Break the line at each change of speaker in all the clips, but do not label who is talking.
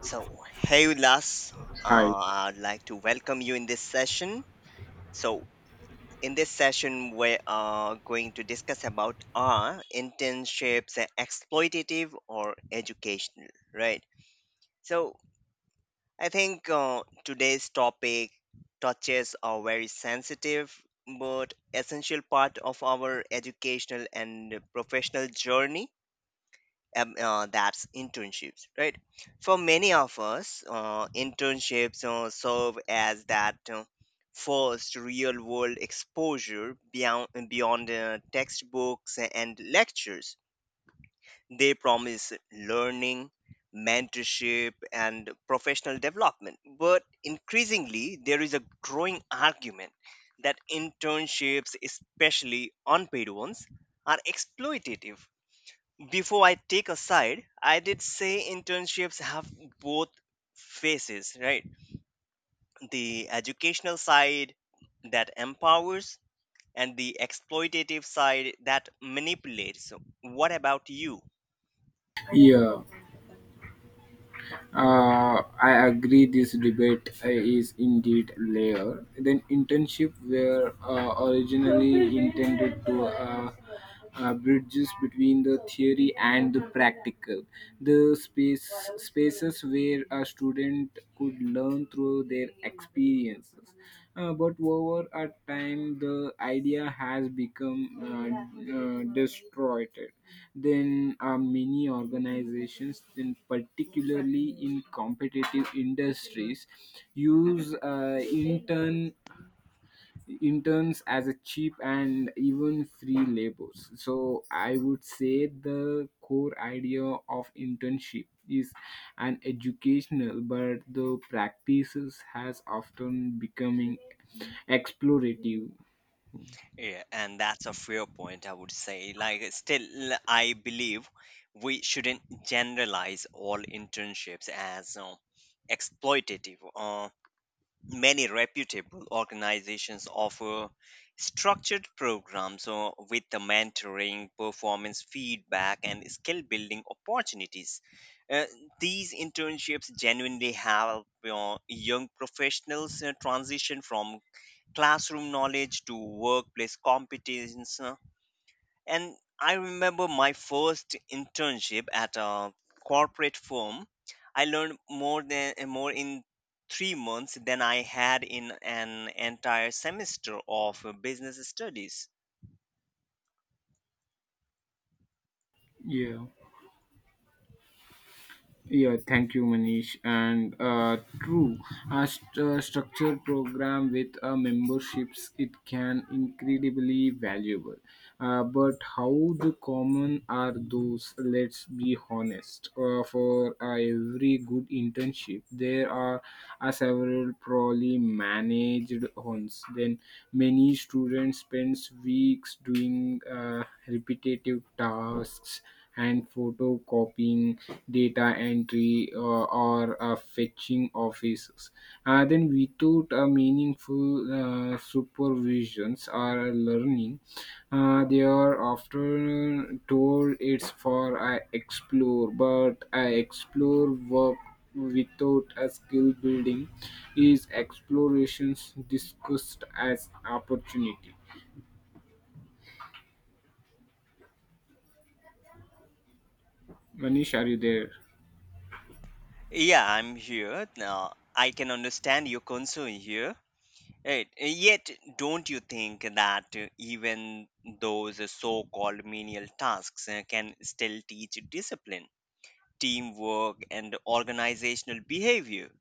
So, hey Ulas,
Hi.
uh, I'd like to welcome you in this session. So, in this session, we are going to discuss about are internships exploitative or educational, right? So, I think today's topic touches a very sensitive but essential part of our educational and professional journey that's internships, right? For many of us internships serve as that first real world exposure beyond textbooks and lectures. They promise learning, mentorship and professional development, but increasingly there is a growing argument that internships, especially unpaid ones, are exploitative. Before I take a side, I did say internships have both faces, right? The educational side that empowers and the exploitative side that manipulates. So what about you?
Yeah, uh, I agree. This debate is indeed layered. Then internship were originally intended to bridges between the theory and the practical. The spaces where a student could learn through their experiences. But over a time, the idea has become destroyed. Then many organizations, then particularly in competitive industries, use interns as a cheap and even free labors. So I would say the core idea of internship is an educational, but the practices has often becoming explorative.
Yeah, and that's a fair point, I would say. Like, still, I believe we shouldn't generalize all internships as exploitative. Many reputable organizations offer structured programs with the mentoring, performance feedback, and skill building opportunities. Uh, these internships genuinely help young professionals transition from classroom knowledge to workplace competence, and I remember my first internship at a corporate firm. I learned more in 3 months than I had in an entire semester of business studies.
Yeah. Yeah, thank you, Manish. And true, a structured program with memberships it can incredibly valuable. But how the common are those? Let's be honest. For every good internship, there are several poorly managed ones. Then many students spends weeks doing repetitive tasks and photocopying data entry or fetching offices. Then without a meaningful supervisions or learning, they are often told it's for explore, but explore work without a skill building is explorations discussed as opportunity. Manish, are you there?
Yeah, I'm here. Now I can understand your concern here. Right. Yet, don't you think that even those so-called menial tasks can still teach discipline, teamwork, and organizational behavior?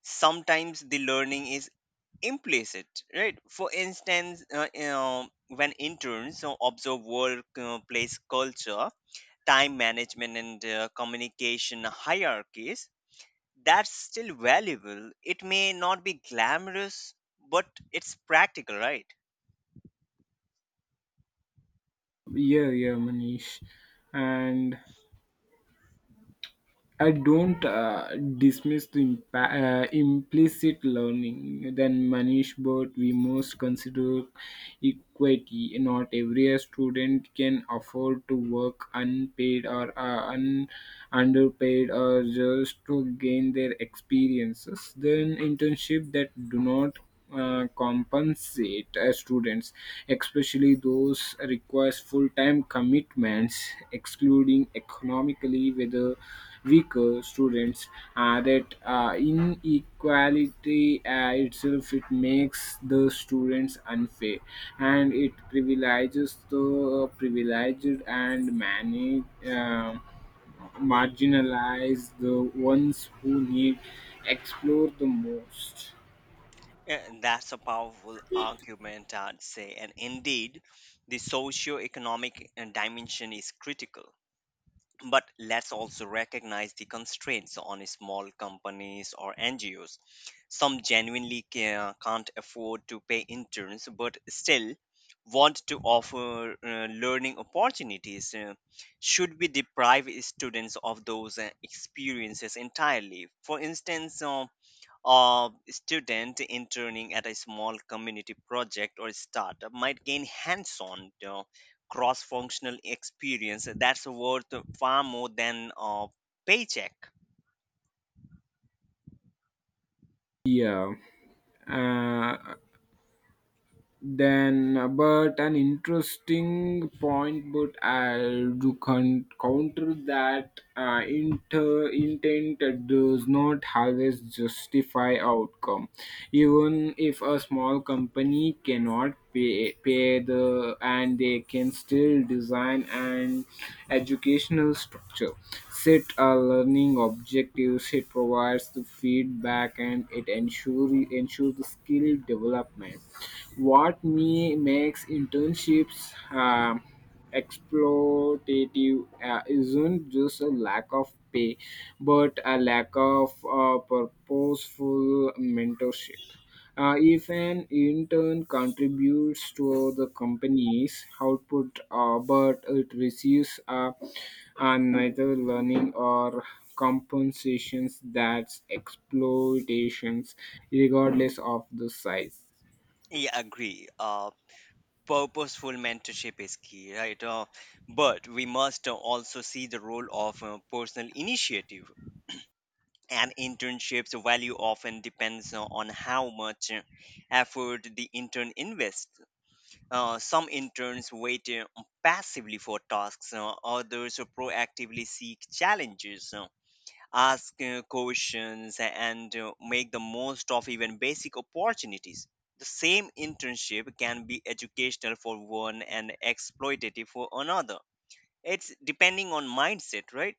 Sometimes the learning is implicit, right? For instance, when interns observe workplace culture, time management and communication hierarchies, that's still valuable. It may not be glamorous, but it's practical, right?
Yeah, yeah, Manish. And I don't dismiss the implicit learning than Manish, but we must consider equity. Not every student can afford to work unpaid or underpaid or just to gain their experiences. Then internship that do not compensate students, especially those requires full-time commitments, excluding economically whether weaker students. That inequality itself it makes the students unfair, and it privileges the privileged and manage. Marginalize the ones who need explore the most.
And that's a powerful argument, I'd say, and indeed the socio-economic dimension is critical, but let's also recognize the constraints on small companies or NGOs. Some genuinely can't afford to pay interns but still want to offer learning opportunities. Should we deprive students of those experiences entirely? For instance, a student interning at a small community project or startup might gain hands-on cross-functional experience that's worth far more than a paycheck.
Yeah. uh, then But an interesting point, but I'll do counter that intent does not always justify outcome. Even if a small company cannot pay the and they can still design an educational structure, set a learning objectives, it provides the feedback and it ensures the skill development. What me makes internships um, exploitative isn't just a lack of pay but a lack of purposeful mentorship. If an intern contributes to the company's output but it receives neither learning or compensations, that's exploitations, regardless of the size.
Yeah, agree. Purposeful mentorship is key, right? But we must also see the role of personal initiative, and internships value often depends on how much effort the intern invests. Some interns wait passively for tasks, others proactively seek challenges, ask questions, and make the most of even basic opportunities. The same internship can be educational for one and exploitative for another. It's depending on mindset, right?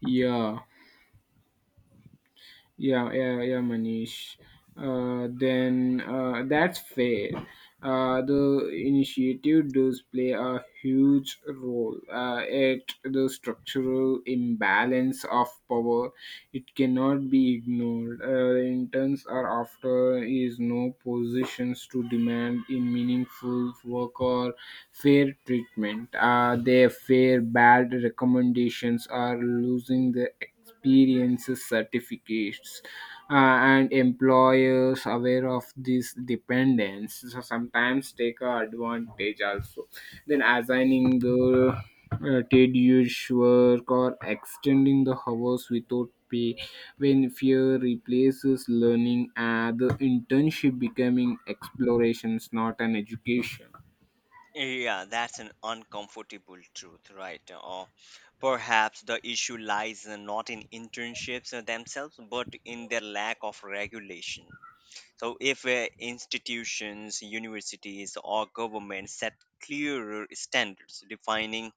Yeah. Yeah, yeah, yeah, Manish. Then That's fair. The initiative does play a huge role at the structural imbalance of power. It cannot be ignored. Interns are after is no positions to demand in meaningful work or fair treatment. Their fair bad recommendations are losing their experiences certificates, and employers aware of this dependence, so sometimes take a advantage also, then assigning the tedious work or extending the hours without pay. When fear replaces learning and the internship becoming explorations, not an education.
Yeah, that's an uncomfortable truth, right? Or perhaps the issue lies not in internships themselves, but in their lack of regulation. So, if institutions, universities, or governments set clearer standards defining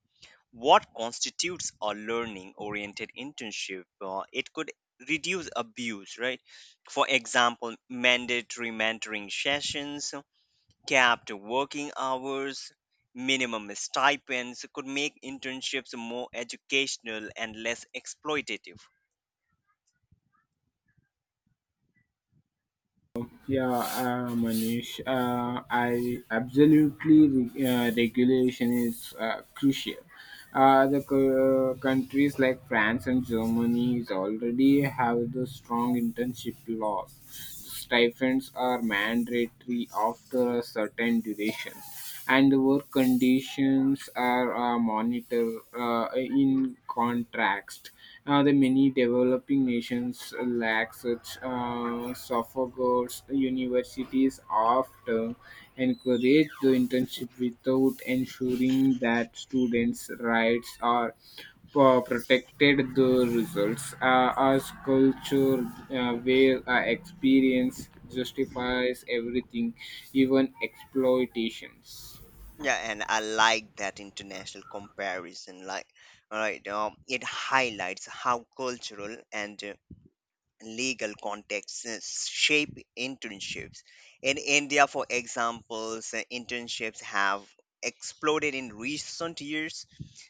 what constitutes a learning oriented internship, it could reduce abuse, right? For example, mandatory mentoring sessions, capped working hours, minimum stipends could make internships more educational and less exploitative.
Yeah, Manish, I absolutely regulation is crucial. The countries like France and Germany is already have the strong internship laws. Stipends are mandatory after a certain duration and work conditions are monitored in contrast. The many developing nations lack such sophogods. Universities often encourage the internship without ensuring that students' rights are protected. The results as culture where experience justifies everything, even exploitations.
Yeah, and I like that international comparison. Like, all right. It highlights how cultural and legal contexts shape internships. In India, for examples, internships have exploded in recent years,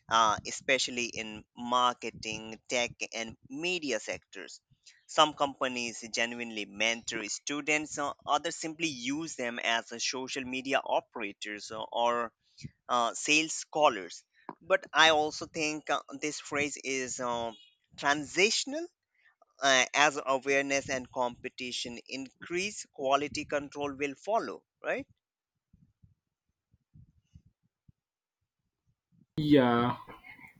especially in marketing, tech, and media sectors. Some companies genuinely mentor students, others simply use them as social media operators or sales scholars. But I also think this phrase is transitional. As awareness and competition increase, quality control will follow, right?
Yeah,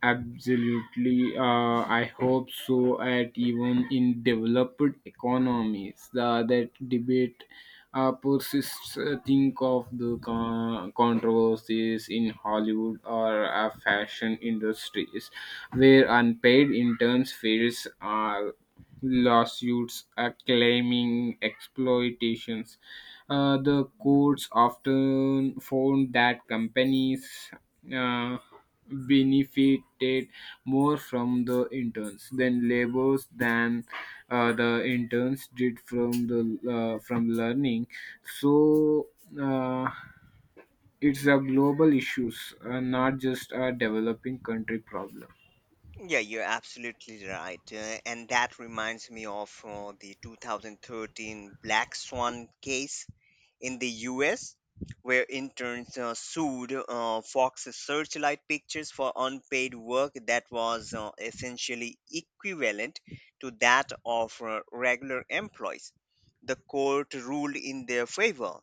absolutely. I hope so. At even in developed economies, the that debate persists. Think of the controversies in Hollywood or fashion industries, where unpaid interns face lawsuits claiming exploitations. The courts often found that companies. Uh, Benefited more from the interns than labors than the interns did from the from learning. So uh, it's a global issues, not just a developing country problem.
Yeah, you're absolutely right. And that reminds me of the 2013 Black Swan case in the US, where interns sued Fox's Searchlight Pictures for unpaid work that was essentially equivalent to that of regular employees. The court ruled in their favor.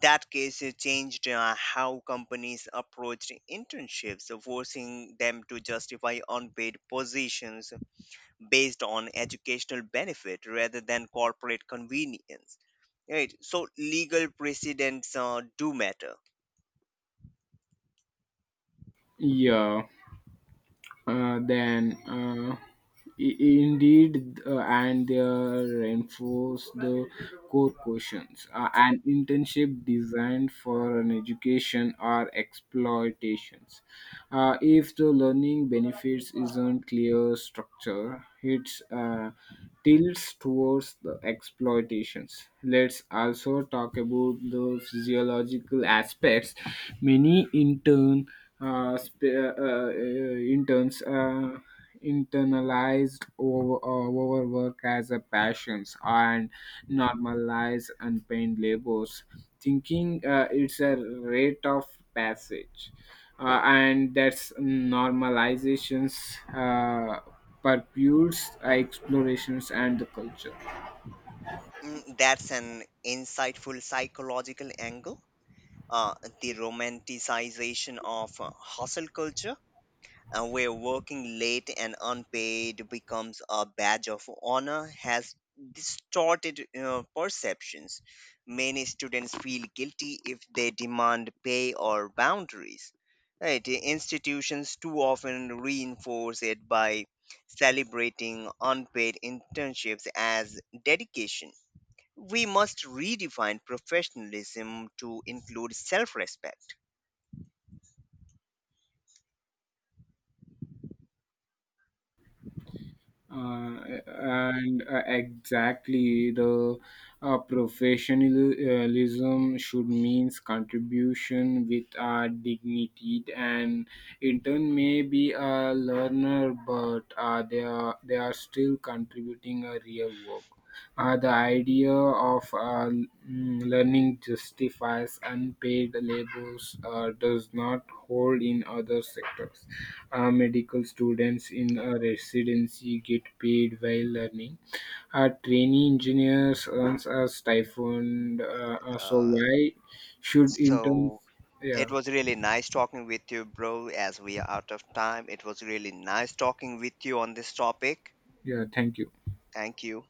That case, it changed how companies approached internships, forcing them to justify unpaid positions based on educational benefit rather than corporate convenience, right? So legal precedents do matter.
Yeah then I- indeed, and they reinforce the core questions. An internship designed for an education or exploitations? If the learning benefits isn't clear structure, it's tilts towards the exploitations. Let's also talk about the physiological aspects. Many interns internalized over, overwork as a passions and normalize unpaid labors, thinking it's a rate of passage, and that's normalizations, uh, purpose explorations and the culture.
Mm, that's an insightful psychological angle. uh, the romanticization of hustle culture, where working late and unpaid becomes a badge of honor, has distorted perceptions. Many students feel guilty if they demand pay or boundaries. Right? Institutions too often reinforce it by celebrating unpaid internships as dedication. We must redefine professionalism to include self respect.
And exactly the professionalism should means contribution with dignity and in turn may be a learner, but they are still contributing a real work. The idea of learning justifies unpaid labors does not hold in other sectors. Medical students in a residency get paid while learning. Trainee engineers earns a stipend. So
Uh,
why should interns?
so It
Yeah,
was really nice talking with you, bro. As we are out of time, it was really nice talking with you on this topic.
yeah. Thank you.
Thank you.